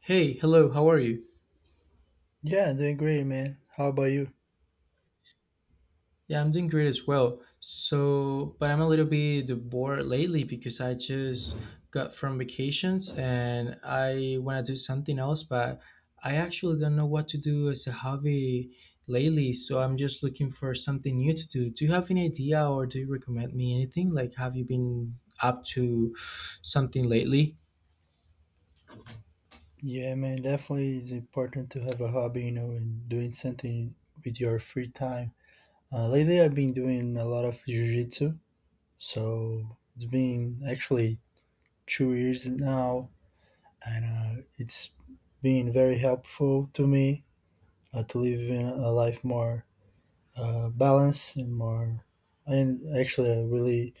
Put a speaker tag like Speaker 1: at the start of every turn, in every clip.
Speaker 1: Hey, hello, how are you?
Speaker 2: Yeah, doing great, man. How about you?
Speaker 1: Yeah, I'm doing great as well. So, but I'm a little bit bored lately because I just got from vacations and I want to do something else, but I actually don't know what to do as a hobby lately. So, I'm just looking for something new to do. Do you have any idea or do you recommend me anything? Like, have you been up to something lately?
Speaker 2: Yeah, man, definitely it's important to have a hobby, and doing something with your free time. Lately, I've been doing a lot of jiu-jitsu, so it's been actually 2 years now, and it's been very helpful to me to live in a life more balanced and more, and actually, I really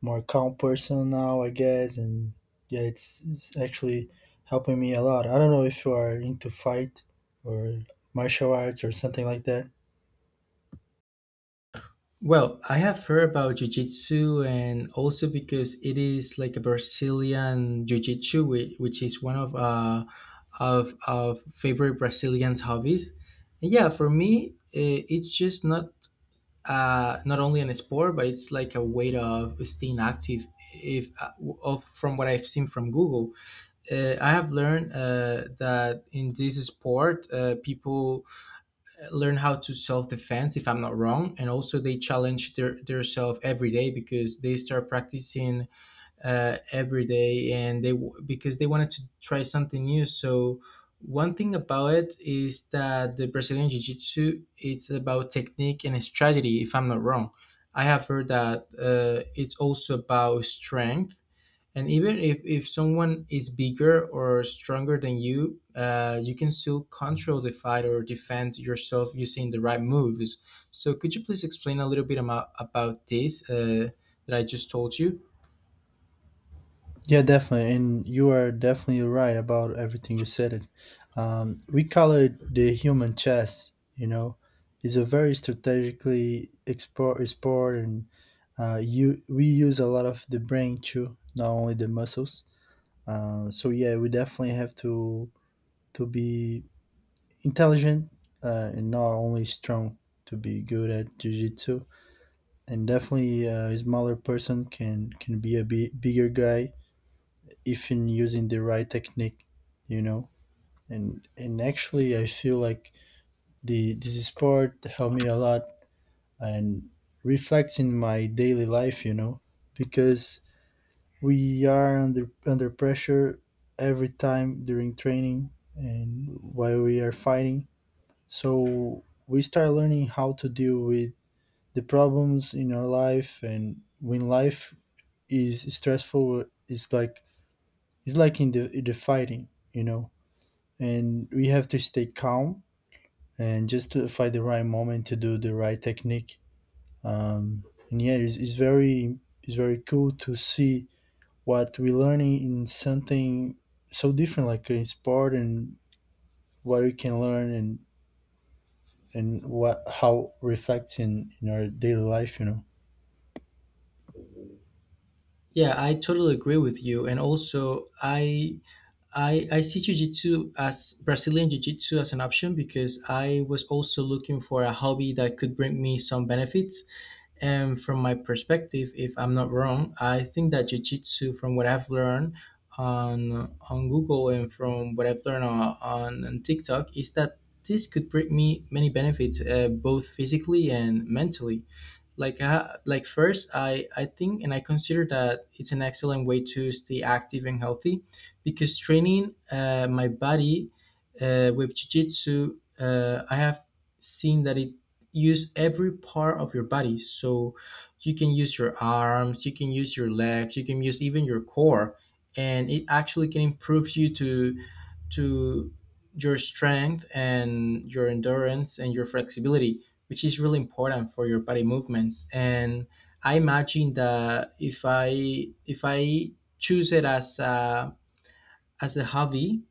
Speaker 2: more calm person now, I guess, and yeah, it's actually helping me a lot. I don't know if you are into fight or martial arts or something like that.
Speaker 1: Well, I have heard about jiu-jitsu and also because it is like a Brazilian jiu-jitsu which is one of of favorite Brazilians hobbies. And yeah, for me it's just not not only an sport, but it's like a way of staying active if of from what I've seen from Google. I have learned that in this sport people learn how to self-defense if I'm not wrong, and also they challenge their self every day because they start practicing every day and they because they wanted to try something new. So one thing about it is that the Brazilian jiu-jitsu, it's about technique and strategy, if I'm not wrong. I have heard that it's also about strength, and even if someone is bigger or stronger than you, you can still control the fight or defend yourself using the right moves. So could you please explain a little bit about this that I just told you?
Speaker 2: Yeah, definitely, and you are definitely right about everything you said. It we call it the human chess. You know, it's a very strategically export sport, and you we use a lot of the brain too, not only the muscles. So yeah, we definitely have to be intelligent and not only strong to be good at jiu-jitsu, and definitely a smaller person can be a bigger guy if in using the right technique, you know. And actually, I feel like the this sport helped me a lot and reflects in my daily life, you know, because we are under pressure every time during training and while we are fighting. So we start learning how to deal with the problems in our life, and when life is stressful, it's like in the fighting, you know. And we have to stay calm and just to find the right moment to do the right technique. Um, and yeah, it's very it's very cool to see what we're learning in something so different, like in sport, and what we can learn and what how reflects in our daily life, you know.
Speaker 1: Yeah, I totally agree with you, and also I see jiu-jitsu as Brazilian jiu-jitsu as an option because I was also looking for a hobby that could bring me some benefits. And from my perspective, if I'm not wrong, I think that jujitsu, from what I've learned on Google and from what I've learned on, on TikTok, is that this could bring me many benefits, both physically and mentally. Like like first I think and I consider that it's an excellent way to stay active and healthy because training my body with jiu-jitsu, I have seen that it use every part of your body. So you can use your arms, you can use your legs, you can use even your core, and it actually can improve you to your strength and your endurance and your flexibility, which is really important for your body movements. And I imagine that if I choose it as a hobby,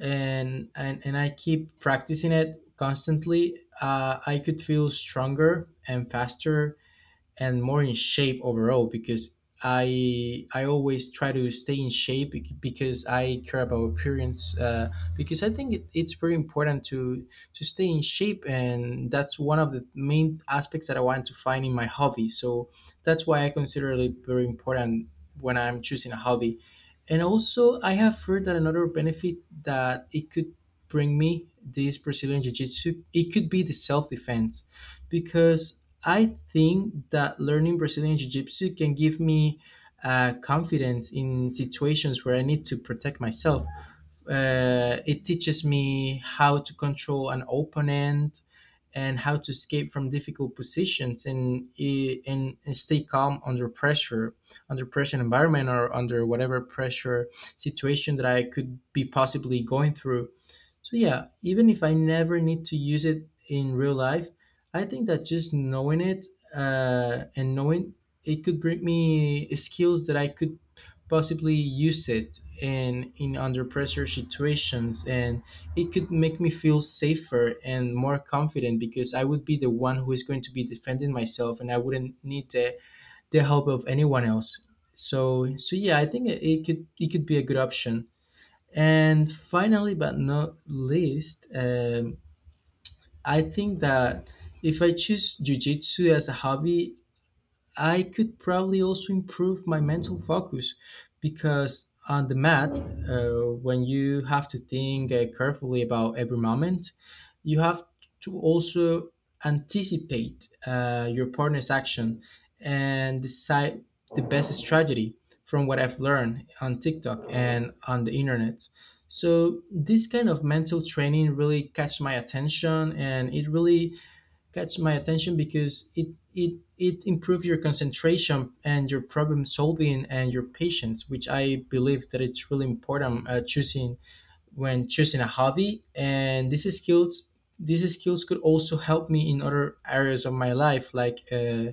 Speaker 1: and I keep practicing it constantly, I could feel stronger and faster and more in shape overall because I always try to stay in shape because I care about appearance because I think it's very important to stay in shape, and that's one of the main aspects that I want to find in my hobby. So that's why I consider it very important when I'm choosing a hobby. And also I have heard that another benefit that it could bring me, this Brazilian Jiu Jitsu, it could be the self defense, because I think that learning Brazilian Jiu Jitsu can give me confidence in situations where I need to protect myself. It teaches me how to control an opponent and how to escape from difficult positions and, e, and and stay calm under pressure environment or under whatever pressure situation that I could be possibly going through. So yeah, even if I never need to use it in real life, I think that just knowing it and knowing, it could bring me skills that I could possibly use it in under pressure situations, and it could make me feel safer and more confident because I would be the one who is going to be defending myself, and I wouldn't need the help of anyone else. So yeah, I think it could be a good option. And finally, but not least, I think that if I choose jujitsu as a hobby, I could probably also improve my mental focus because on the mat, when you have to think carefully about every moment, you have to also anticipate your partner's action and decide the best strategy from what I've learned on TikTok and on the internet. So this kind of mental training really catch my attention, and it really catch my attention because it improves your concentration and your problem solving and your patience, which I believe that it's really important choosing when choosing a hobby. And these skills, these skills could also help me in other areas of my life, like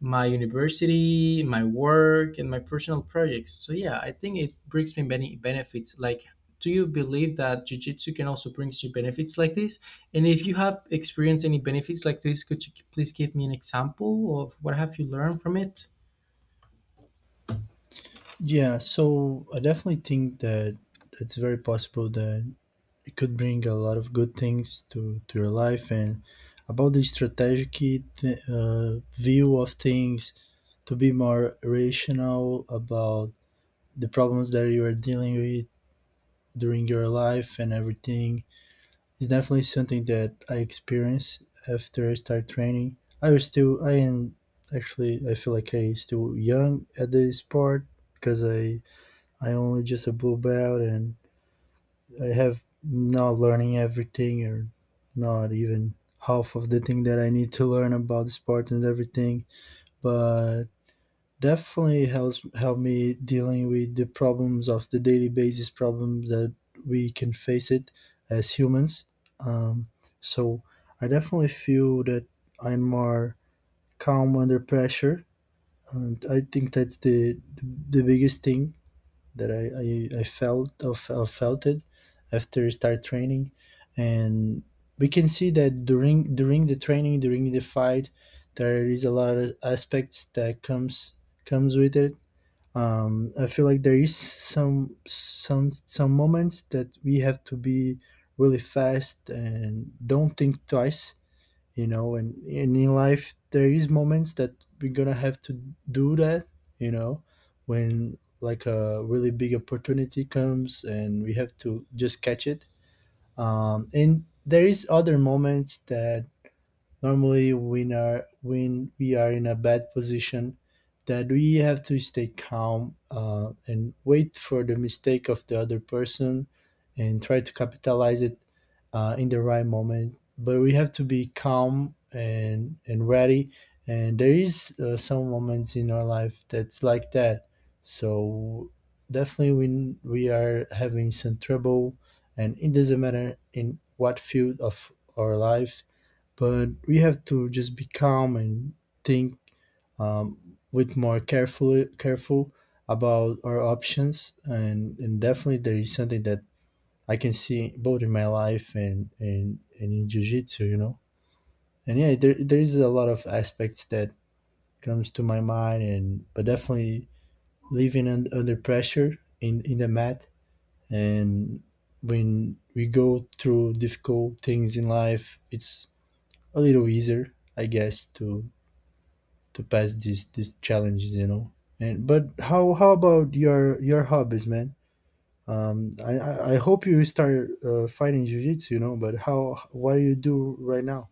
Speaker 1: my university, my work, and my personal projects. So yeah, I think it brings me many benefits. Like, do you believe that jiu-jitsu can also bring you benefits like this? And if you have experienced any benefits like this, could you please give me an example of what have you learned from it?
Speaker 2: Yeah, so I definitely think that it's very possible that it could bring a lot of good things to your life. And about the strategic th- uh, view of things, to be more rational about the problems that you are dealing with during your life and everything. It's definitely something that I experienced after I started training. I was still, I am actually, I feel like I still young at this part because I only just a blue belt and I have not learning everything or not even half of the thing that I need to learn about the sport and everything. But definitely helps help me dealing with the problems of the daily basis problems that we can face it as humans. Um, so I definitely feel that I'm more calm under pressure, and I think that's the biggest thing that I felt felt it after I start training. And we can see that during during the training during the fight there is a lot of aspects that comes with it. I feel like there is some moments that we have to be really fast and don't think twice, you know. And in life, there is moments that we're gonna have to do that, you know, when like a really big opportunity comes and we have to just catch it. And there is other moments that normally when are when we are in a bad position that we have to stay calm and wait for the mistake of the other person and try to capitalize it in the right moment. But we have to be calm and ready. And there is some moments in our life that's like that. So definitely when we are having some trouble, and it doesn't matter in what field of our life, but we have to just be calm and think with more carefully careful about our options. And definitely there is something that I can see both in my life and in jiu-jitsu, you know. And yeah there is a lot of aspects that comes to my mind and but definitely living under pressure in the mat, and when we go through difficult things in life, it's a little easier, I guess, to pass these challenges, you know. And but how about your hobbies, man? I hope you start fighting jiu-jitsu, you know. But how what do you do right now?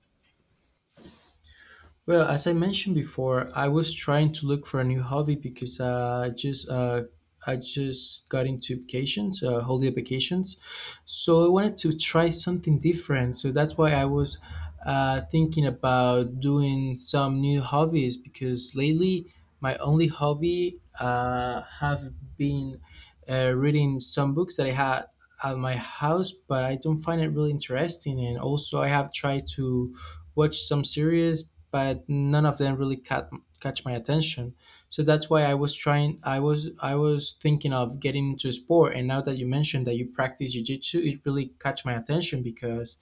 Speaker 1: Well, as I mentioned before, I was trying to look for a new hobby because I just got into vacations, holiday vacations. So I wanted to try something different. So that's why I was thinking about doing some new hobbies, because lately my only hobby have been reading some books that I had at my house, but I don't find it really interesting. And also, I have tried to watched some series, but none of them really caught catch my attention. So that's why I was trying. I was thinking of getting into sport, and now that you mentioned that you practice jiu-jitsu, it really catch my attention because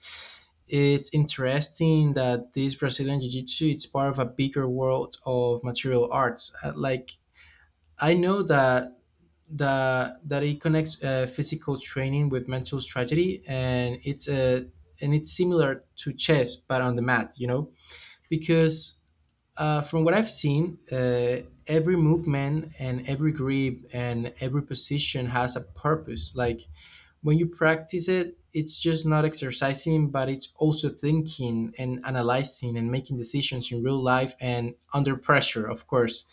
Speaker 1: it's interesting that this Brazilian jiu-jitsu, it's part of a bigger world of material arts. Like I know that it connects physical training with mental strategy, and it's a and it's similar to chess, but on the mat. You know, because from what I've seen, every movement and every grip and every position has a purpose. Like, when you practice it, it's just not exercising, but it's also thinking and analyzing and making decisions in real life and under pressure, of course.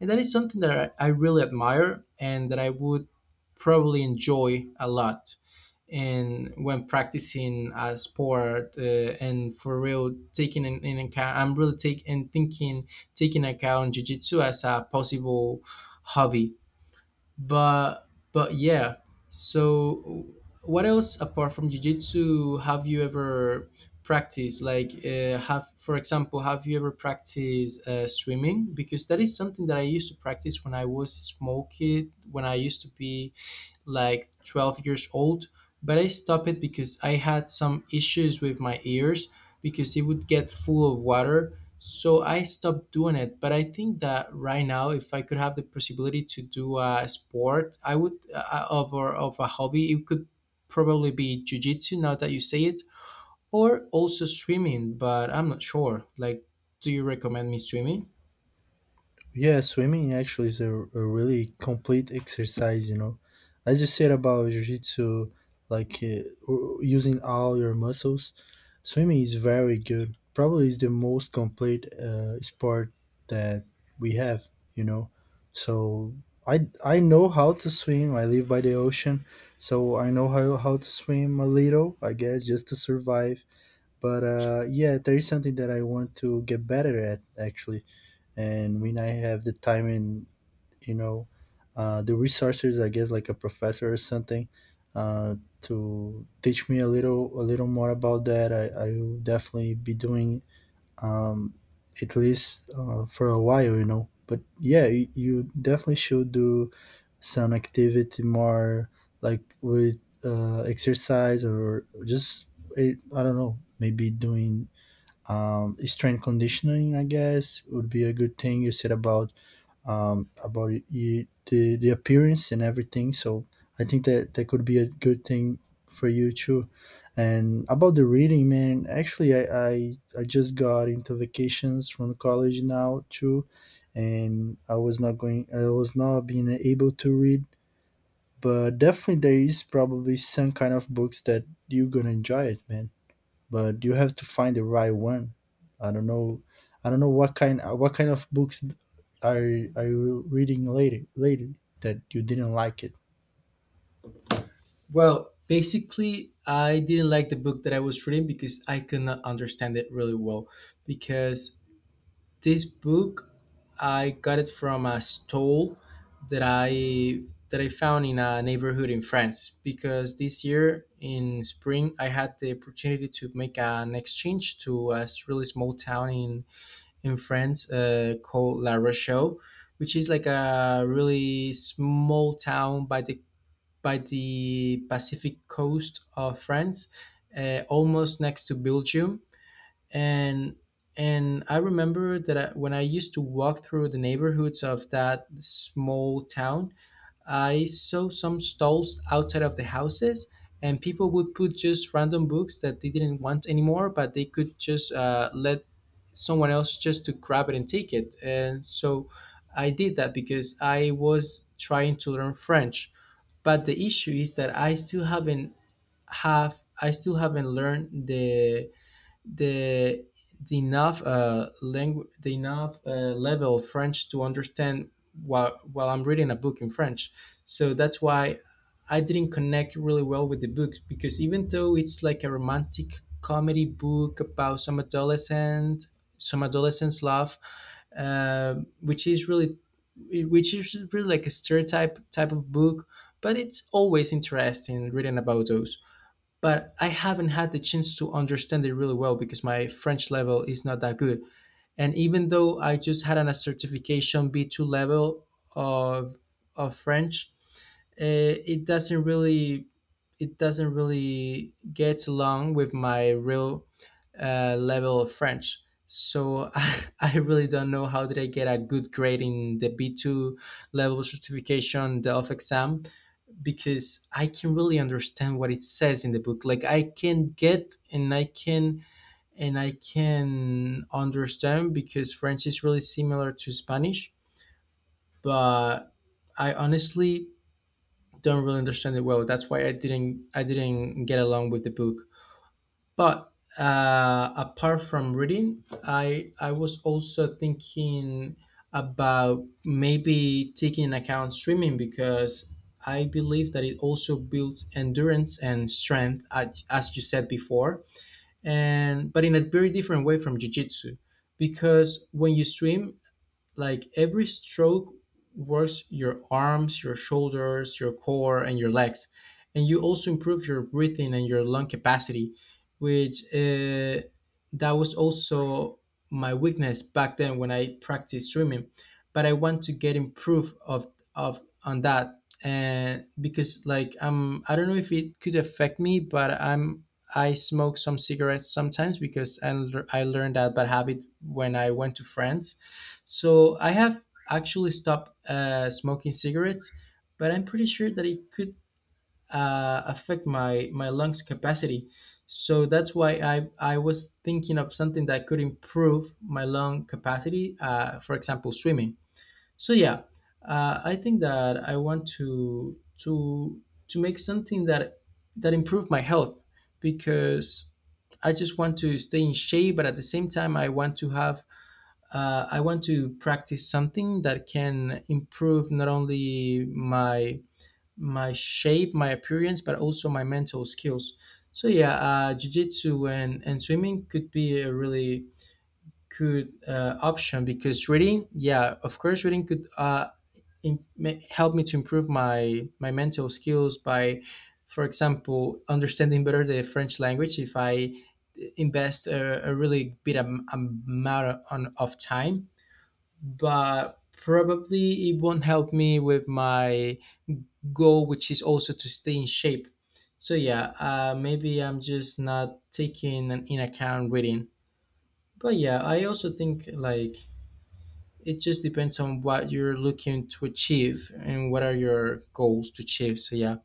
Speaker 1: And that is something that I really admire and that I would probably enjoy a lot and when practicing a sport, and for real taking in account, I'm really taking and thinking taking account jiu-jitsu as a possible hobby. but but yeah, so what else apart from jiu-jitsu have you ever practiced? Like have for example, have you ever practiced swimming? Because that is something that I used to practice when I was a small kid, when I used to be like 12 years old, but I stopped it because I had some issues with my ears because it would get full of water. So I stopped doing it. But I think that right now, if I could have the possibility to do a sport, I would of or of a hobby, it could probably be jujitsu, now that you say it, or also swimming. But I'm not sure. Like, do you recommend me swimming?
Speaker 2: Yeah, swimming actually is a really complete exercise, you know. As you said about jiu-jitsu, like using all your muscles, swimming is very good. Probably is the most complete sport that we have, you know. So I know how to swim. I live by the ocean, so I know how to swim a little, I guess, just to survive. But yeah, there is something that I want to get better at actually, and when I have the time and, you know, the resources, I guess, like a professor or something, uh, to teach me a little more about that, I will definitely be doing, um, at least for a while, you know. But yeah, you definitely should do some activity more, like with exercise, or just I don't know, maybe doing strength conditioning, I guess, would be a good thing. You said about y the appearance and everything, so I think that that could be a good thing for you too. And about the reading, man, actually, i, I just got into vacations from college now too, and I was not going I was not being able to read. But definitely there is probably some kind of books that you're gonna enjoy it, man. But you have to find the right one. I don't know. I don't know what kind of books are you reading lately that you didn't like it.
Speaker 1: Well, basically, I didn't like the book that I was reading because I could not understand it really well. Because this book, I got it from a stall that I that I found in a neighborhood in France. Because this year in spring, I had the opportunity to make an exchange to a really small town in France called La Rochelle, which is like a really small town by the Pacific coast of France, almost next to Belgium. And I remember that I, when I used to walk through the neighborhoods of that small town, I saw some stalls outside of the houses, and people would put just random books that they didn't want anymore, but they could just let someone else just to grab it and take it. And so I did that because I was trying to learn French, but the issue is that I still haven't learned the the the enough level of French to understand while I'm reading a book in French. So that's why I didn't connect really well with the book, because even though it's like a romantic comedy book about some adolescent's love, uh, which is really, which is really like a stereotype type of book, but it's always interesting reading about those. But I haven't had the chance to understand it really well because my French level is not that good. And even though I just had a certification B2 level of of French, it doesn't really, it doesn't really get along with my real level of French. So I really don't know how did I get a good grade in the B2 level certification, the off exam because I can really understand what it says in the book. Like I can get and I can understand because French is really similar to Spanish, but I honestly don't really understand it well. That's why I didn't get along with the book. But apart from reading, I was also thinking about maybe taking into account swimming because I believe that it also builds endurance and strength, as you said before, and but in a very different way from jujitsu, because when you swim, like every stroke works your arms, your shoulders, your core, and your legs. And you also improve your breathing and your lung capacity, which that was also my weakness back then when I practiced swimming. But I want to get improved of on that, and because like I don't know if it could affect me, but I smoke some cigarettes sometimes because I learned that bad habit when I went to France, so I have actually stopped smoking cigarettes, but I'm pretty sure that it could affect my lungs capacity. So that's why I was thinking of something that could improve my lung capacity. For example, swimming. So yeah, I think that I want to make something that that improve my health because I just want to stay in shape, but at the same time, I want to have I want to practice something that can improve not only my shape, my appearance, but also my mental skills. So yeah, jujitsu and swimming could be a really good option because reading, yeah, of course, reading could help me to improve my mental skills by, for example, understanding better the French language if I invest a really big amount of time, but probably it won't help me with my goal, which is also to stay in shape. So yeah, maybe I'm just not taking in account reading. But yeah, I also think like it just depends on what you're looking to achieve and what are your goals to achieve. So yeah.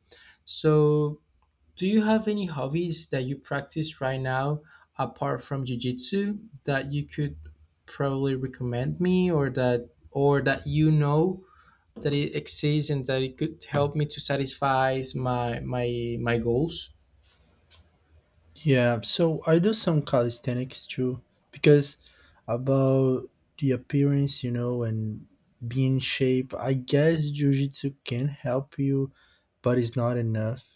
Speaker 1: So do you have any hobbies that you practice right now apart from jujitsu that you could probably recommend me or that you know that it exists and that it could help me to satisfy my goals?
Speaker 2: Yeah, so I do some calisthenics too, because about the appearance, you know, and being in shape. I guess jujitsu can help you, but it's not enough.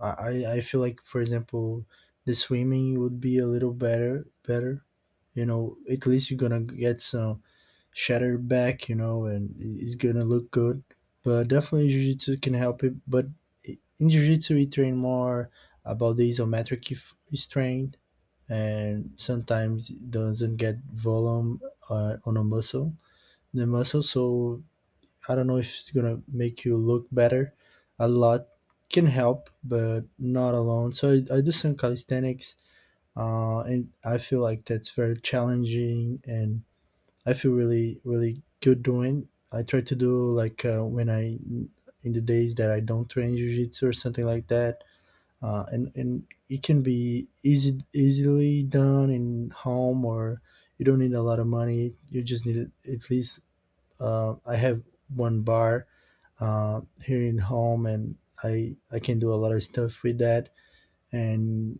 Speaker 2: I feel like, for example, the swimming would be a little better better. You know, at least you're gonna get some shatter back, you know, and he's gonna look good. But definitely jiu-jitsu can help it. But in jiu-jitsu, we train more about the isometric strain, and sometimes it doesn't get volume on a muscle, the muscle. So I don't know if it's gonna make you look better. A lot can help, but not alone. So I do some calisthenics, and I feel like that's very challenging, and I feel really, really good doing. I try to do like when I in the days that I don't train jiu-jitsu or something like that. And it can be easy easily done in home, or you don't need a lot of money. You just need at least, I have one bar here in home, and I can do a lot of stuff with that. and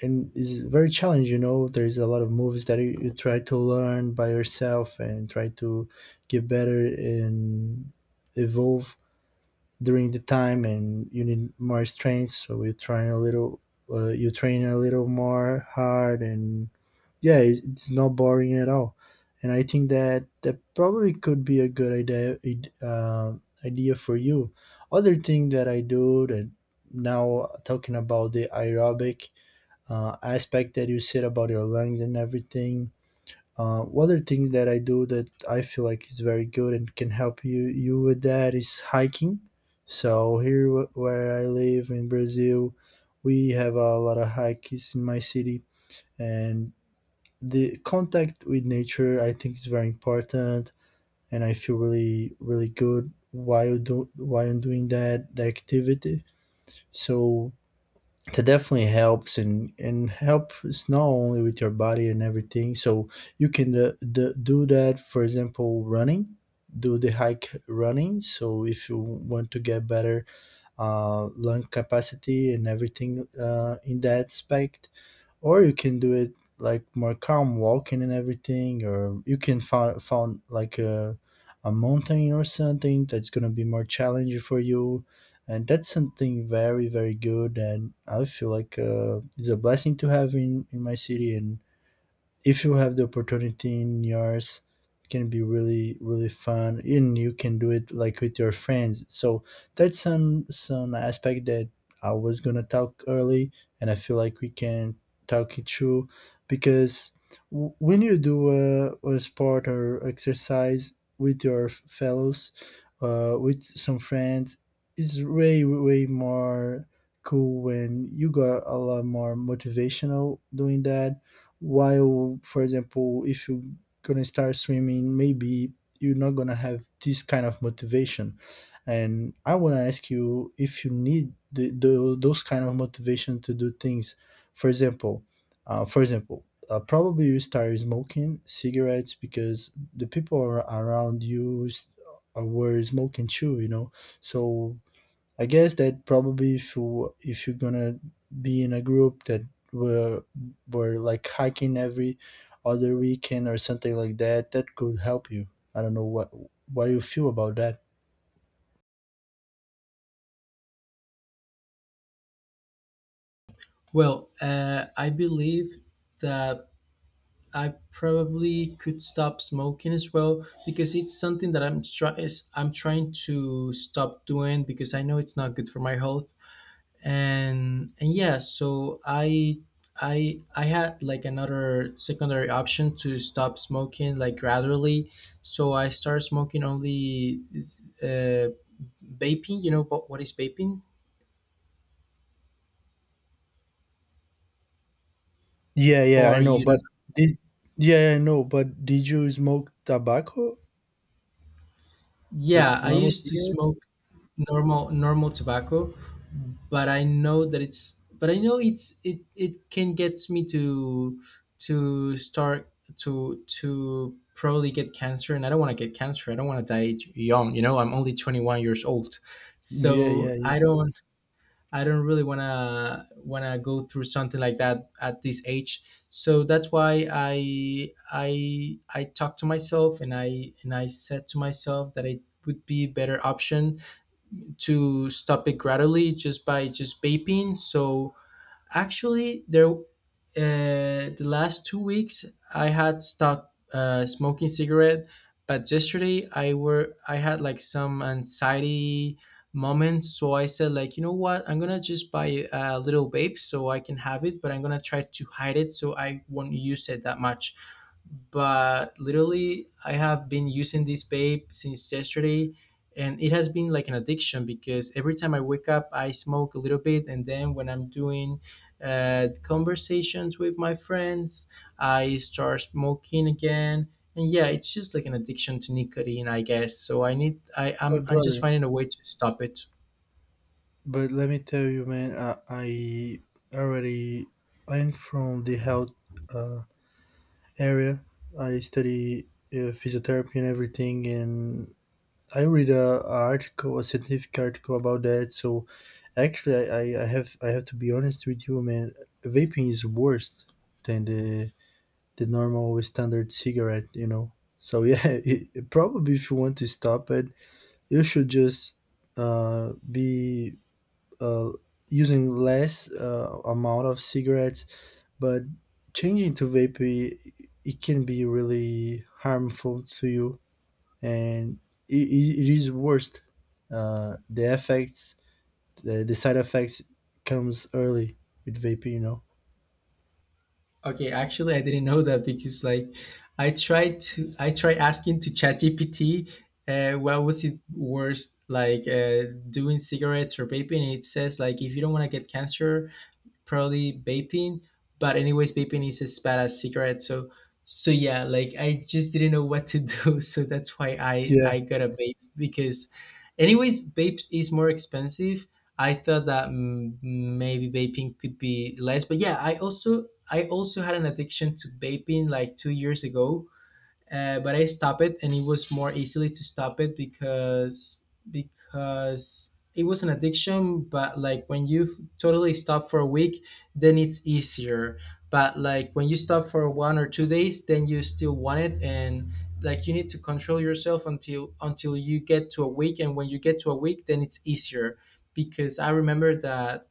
Speaker 2: and it's very challenging, you know, there's a lot of movies that you try to learn by yourself and try to get better and evolve during the time, and you need more strength, so you try a little you train a little more hard. And yeah, it's not boring at all, and I think that that probably could be a good idea idea for you. Other thing that I do that now, talking about the aerobic aspect that you said about your lungs and everything. One other thing that I do that I feel like is very good and can help you with that is hiking. So here where I live in Brazil, we have a lot of hikes in my city, and the contact with nature, I think, is very important, and I feel really really good while do while doing that the activity. So that definitely helps and helps not only with your body and everything, so you can do that, for example running. Do the hike running, so if you want to get better lung capacity and everything in that aspect. Or you can do it like more calm walking and everything, or you can find found like a mountain or something that's going to be more challenging for you. And that's something very very good, and I feel like it's a blessing to have in my city. And if you have the opportunity in yours, it can be really really fun, and you can do it like with your friends. So that's some aspect that I was gonna talk early, and I feel like we can talk it through. Because when you do a sport or exercise with your fellows, with some friends. It's way way more cool when you got a lot more motivational doing that. While for example if you're gonna start swimming, maybe you're not gonna have this kind of motivation. And I want to ask you if you need those kind of motivation to do things. For example, probably you start smoking cigarettes because the people around you were smoking too. So I guess that probably if you if you're gonna be in a group that were were like hiking every other weekend or something like that, that could help you. I don't know what you feel about that.
Speaker 1: Well, I believe that I probably could stop smoking as well because it's something that I'm trying to stop doing because I know it's not good for my health. And yeah, so I had like another secondary option to stop smoking like gradually, so I started smoking only uh vaping. You know what is vaping
Speaker 2: Yeah, yeah, I
Speaker 1: or
Speaker 2: know,
Speaker 1: you
Speaker 2: but
Speaker 1: don't?
Speaker 2: did, yeah, I know, but did you smoke tobacco like
Speaker 1: Yeah, I
Speaker 2: normal
Speaker 1: used to
Speaker 2: cigarettes?
Speaker 1: smoke normal tobacco, but I know that it's but I know it's it it can get me to start to probably get cancer, and I don't want to get cancer. I don't want to die young. You know, I'm only 21 years old,
Speaker 2: Yeah, yeah,
Speaker 1: so
Speaker 2: yeah.
Speaker 1: I don't I don't really want to go through something like that at this age. So that's why I talked to myself and I said to myself that it would be a better option to stop it gradually, just by just vaping. So actually, there the last 2 weeks I had stopped smoking cigarette, but yesterday I had like some anxiety moments, so I said, like, you know what, I'm gonna just buy a little vape so I can have it, but I'm gonna try to hide it so I won't use it that much. But literally I have been using this vape since yesterday, and it has been like an addiction because every time I wake up, I smoke a little bit, and then when I'm doing conversations with my friends, I start smoking again. And yeah, it's just like an addiction to nicotine, I guess, so I need I
Speaker 2: But
Speaker 1: I'm just
Speaker 2: brother,
Speaker 1: finding a way to stop it.
Speaker 2: but let me tell you, man, I already, I'm from the health Uh, area. I study physiotherapy and everything, and I read a article, a scientific article about that. So actually, I have to be honest with you, man. Vaping is worse than the normal standard cigarette, you know. So yeah, probably if you want to stop it, you should just be uh, using less amount of cigarettes, but changing to vape, it can be really harmful to you. And it is worst, the effects, the side effects comes early with vaping, you know.
Speaker 1: Okay, actually, I didn't know that because like I tried asking to ChatGPT what was it worse, like doing cigarettes or vaping. And it says like if you don't want to get cancer, probably vaping. But anyways, vaping is as bad as cigarettes. So so yeah, like I just didn't know what to do. So that's why I
Speaker 2: Yeah.
Speaker 1: I got a vape because, anyways, vapes is more expensive. I thought that maybe vaping could be less, but yeah, I also had an addiction to vaping like 2 years ago, but I stopped it, and it was more easily to stop it because it was an addiction. But like when you totally stop for a week, then it's easier. But like when you stop for 1 or 2 days, then you still want it, and like you need to control yourself until you get to a week. And when you get to a week, then it's easier because I remember that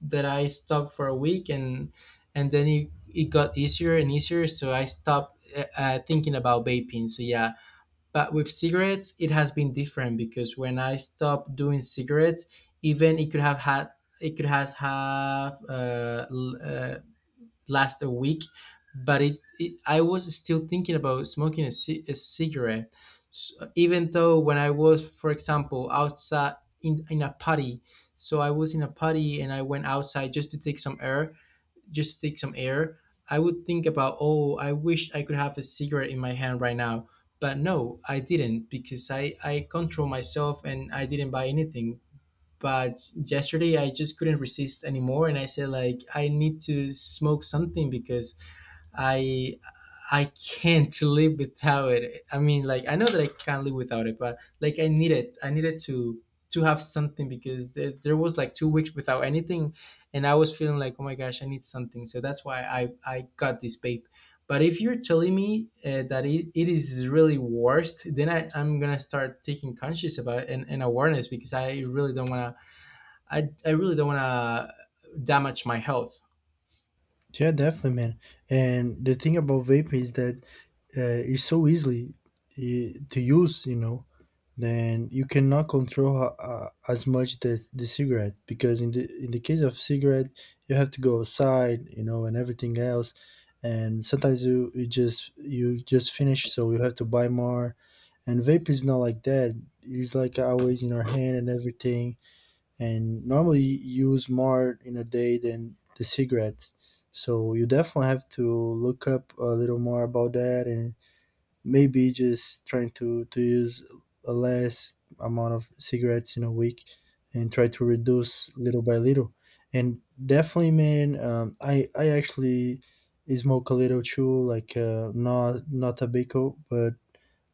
Speaker 1: that I stopped for a week, and then it got easier and easier, so I stopped thinking about vaping. So yeah, but with cigarettes it has been different because when I stopped doing cigarettes, even it could have had it could has have l- last a week, but it I was still thinking about smoking a cigarette, so, even though when I was, for example, outside in a party, so I was in a party and I went outside just to take some air, just to take some air. I would think about, oh, I wish I could have a cigarette in my hand right now, but no, I didn't because I control myself and I didn't buy anything. But yesterday I just couldn't resist anymore, and I said, like, I need to smoke something because i I can't live without it. I mean, like, I know that I can't live without it, but like I need it. I needed to have something because there was like 2 weeks without anything, and I was feeling like, oh my gosh, I need something. So that's why I got this vape. But if you're telling me that it is really worst, then I'm gonna start taking conscious about it and awareness because I really don't want to I really don't want to damage my health.
Speaker 2: Yeah, definitely, man. And the thing about vapor is that it's so easily to use, you know. Then you cannot control as much the cigarette, because in the case of cigarette, you have to go outside, you know, and everything else, and sometimes you just finish, so you have to buy more. And vape is not like that. It's like always in our hand and everything, and normally you use more in a day than the cigarettes. So you definitely have to look up a little more about that, and maybe just trying to use a less amount of cigarettes in a week, and try to reduce little by little. And definitely, man, I actually smoke a little too, like not tobacco, but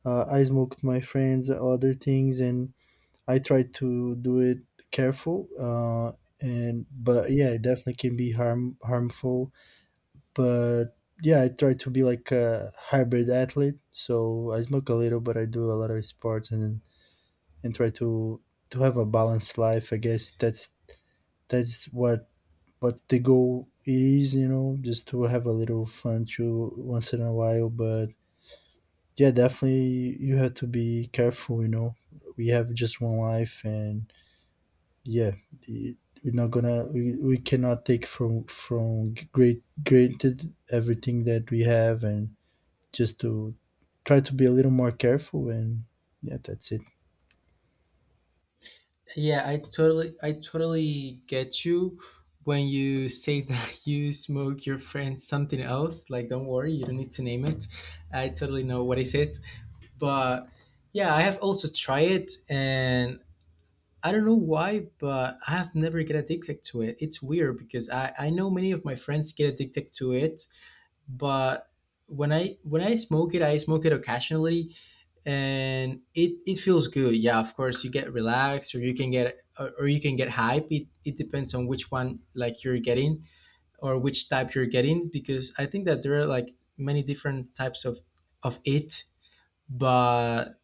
Speaker 2: I smoke with my friends, other things, and I try to do it careful, and but yeah, it definitely can be harmful. But yeah, I try to be like a hybrid athlete, so I smoke a little, but I do a lot of sports, and try to have a balanced life. I guess that's what the goal is, you know, just to have a little fun too once in a while. But yeah, definitely you have to be careful, you know. We have just one life, and yeah, the- we're not gonna we cannot take from great granted everything that we have, and just to try to be a little more careful. And yeah, that's it.
Speaker 1: Yeah, I totally get you when you say that you smoke your friend something else. Like, don't worry, you don't need to name it. I totally know what is it. But yeah, I have also tried it, and I don't know why, but I have never get addicted to it. It's weird because I know many of my friends get addicted to it, but when I smoke it, I smoke it occasionally, and it feels good. Yeah, of course you get relaxed, or you can get or you can get hype. It depends on which one, like, you're getting or which type you're getting because I think that there are like many different types of it. but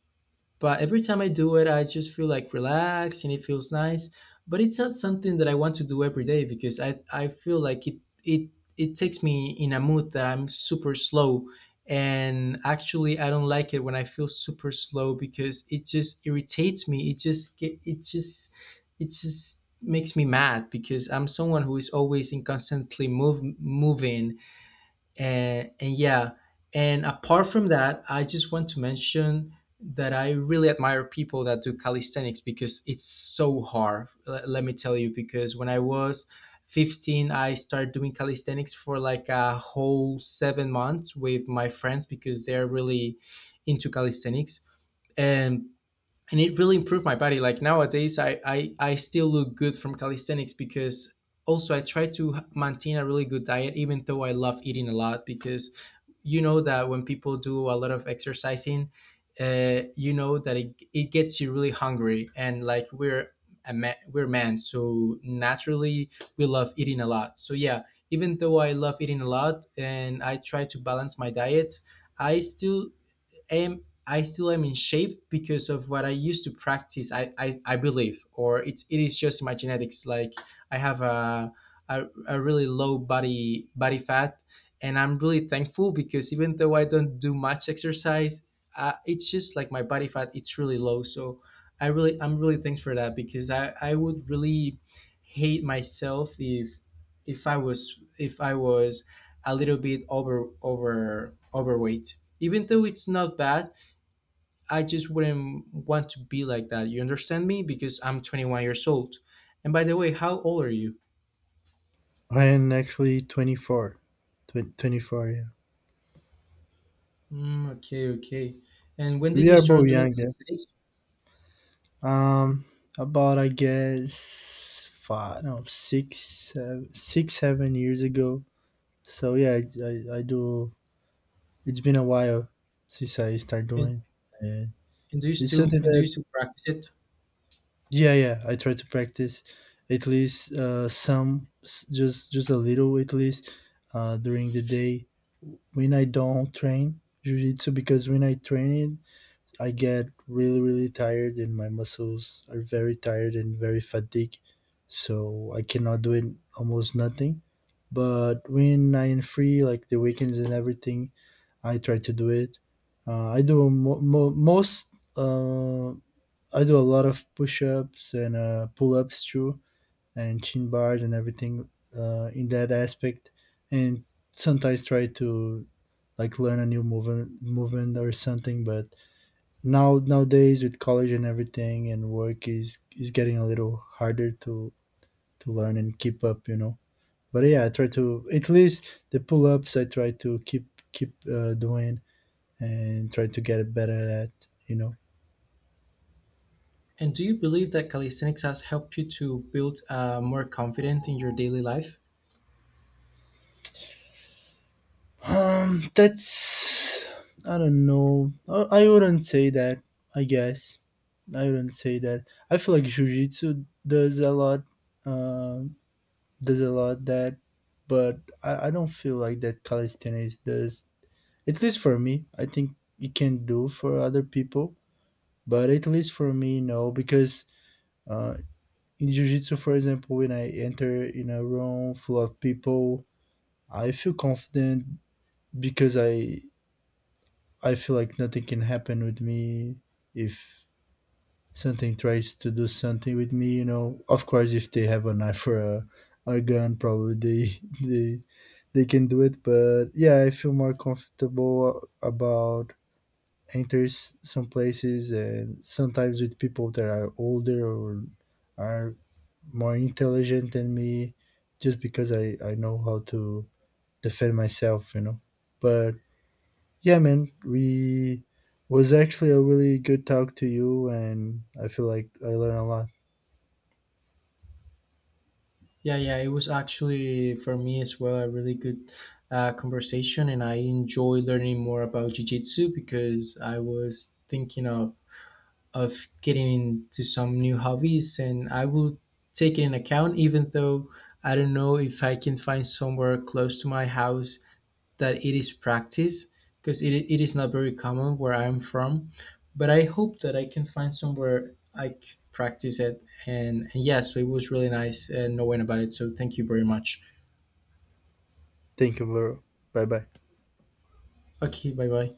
Speaker 1: but every time I do it, I just feel like relaxed and it feels nice. But it's not something that I want to do every day because I feel like it it takes me in a mood that I'm super slow. And actually, I don't like it when I feel super slow because it just irritates me. It just get it just makes me mad because I'm someone who is always in constantly moving. And yeah, and apart from that, I just want to mention that I really admire people that do calisthenics because it's so hard. Let me tell you, because when I was 15 I started doing calisthenics for like a whole 7 months with my friends because they're really into calisthenics. and and it really improved my body. Like nowadays I still look good from calisthenics because also I try to maintain a really good diet even though I love eating a lot because you know that when people do a lot of exercising, you know that it gets you really hungry, and like we're a man, we're men, so naturally we love eating a lot. So yeah, even though I love eating a lot and I try to balance my diet, I still am I still am in shape because of what I used to practice. I believe, or it's it is just my genetics. Like I have a really low body fat, and I'm really thankful because even though I don't do much exercise, it's just like my body fat. It's really low, so I'm really thanks for that because I would really hate myself if if I was a little bit over overweight. Even though it's not bad, I just wouldn't want to be like that. You understand me? Because I'm 21 years old. And by the way, how old are you?
Speaker 2: I am actually 24. 24, yeah.
Speaker 1: Mm, okay, okay. And when did
Speaker 2: We
Speaker 1: you
Speaker 2: are both
Speaker 1: start doing
Speaker 2: young, yeah.
Speaker 1: calisthenics?
Speaker 2: um about I guess 5, no, six seven, 6 7 years ago. So yeah, I do. It's been a while since I start
Speaker 1: And,
Speaker 2: doing. And
Speaker 1: and do you
Speaker 2: it's
Speaker 1: still
Speaker 2: something that.
Speaker 1: practice it?
Speaker 2: Yeah, yeah. I try to practice at least just a little at least during the day. When I don't train jiu-jitsu, because when I train it, I get really really tired and my muscles are very tired and very fatigued, so I cannot do it almost nothing. But when I am free, like the weekends and everything, I try to do it. I do most. Uh, I do a lot of push-ups and pull-ups too, and chin bars and everything in that aspect. And sometimes try to like learn a new movement or something. But nowadays with college and everything and work is getting a little harder to learn and keep up, you know. But yeah, I try to at least the pull-ups I try to keep doing and try to get better at, you know.
Speaker 1: And do you believe that calisthenics has helped you to build more confidence in your daily life?
Speaker 2: That's, I don't know. I wouldn't say that. I guess I wouldn't say that. I feel like jujitsu does a lot. Uh, does a lot that, but I don't feel like that calisthenics does. At least for me, I think it can do for other people, but at least for me, no, because uh, in jujitsu, for example, when I enter in a room full of people, I feel confident because I feel like nothing can happen with me if something tries to do something with me, you know. Of course, if they have a knife or a gun, probably they they they can do it. But yeah, I feel more comfortable about enters some places and sometimes with people that are older or are more intelligent than me, just because I know how to defend myself, you know. But yeah, man, we was actually a really good talk to you, and I feel like I learned a lot.
Speaker 1: Yeah, yeah, it was actually for me as well a really good conversation, and I enjoy learning more about jiu-jitsu because I was thinking of getting into some new hobbies and I will take it in account even though I don't know if I can find somewhere close to my house that it is practiced because it is not very common where I'm from, but I hope that I can find somewhere practice it. And yes, it was really nice knowing about it, so thank you very much.
Speaker 2: Thank you, bro. Bye bye.
Speaker 1: Okay, bye bye.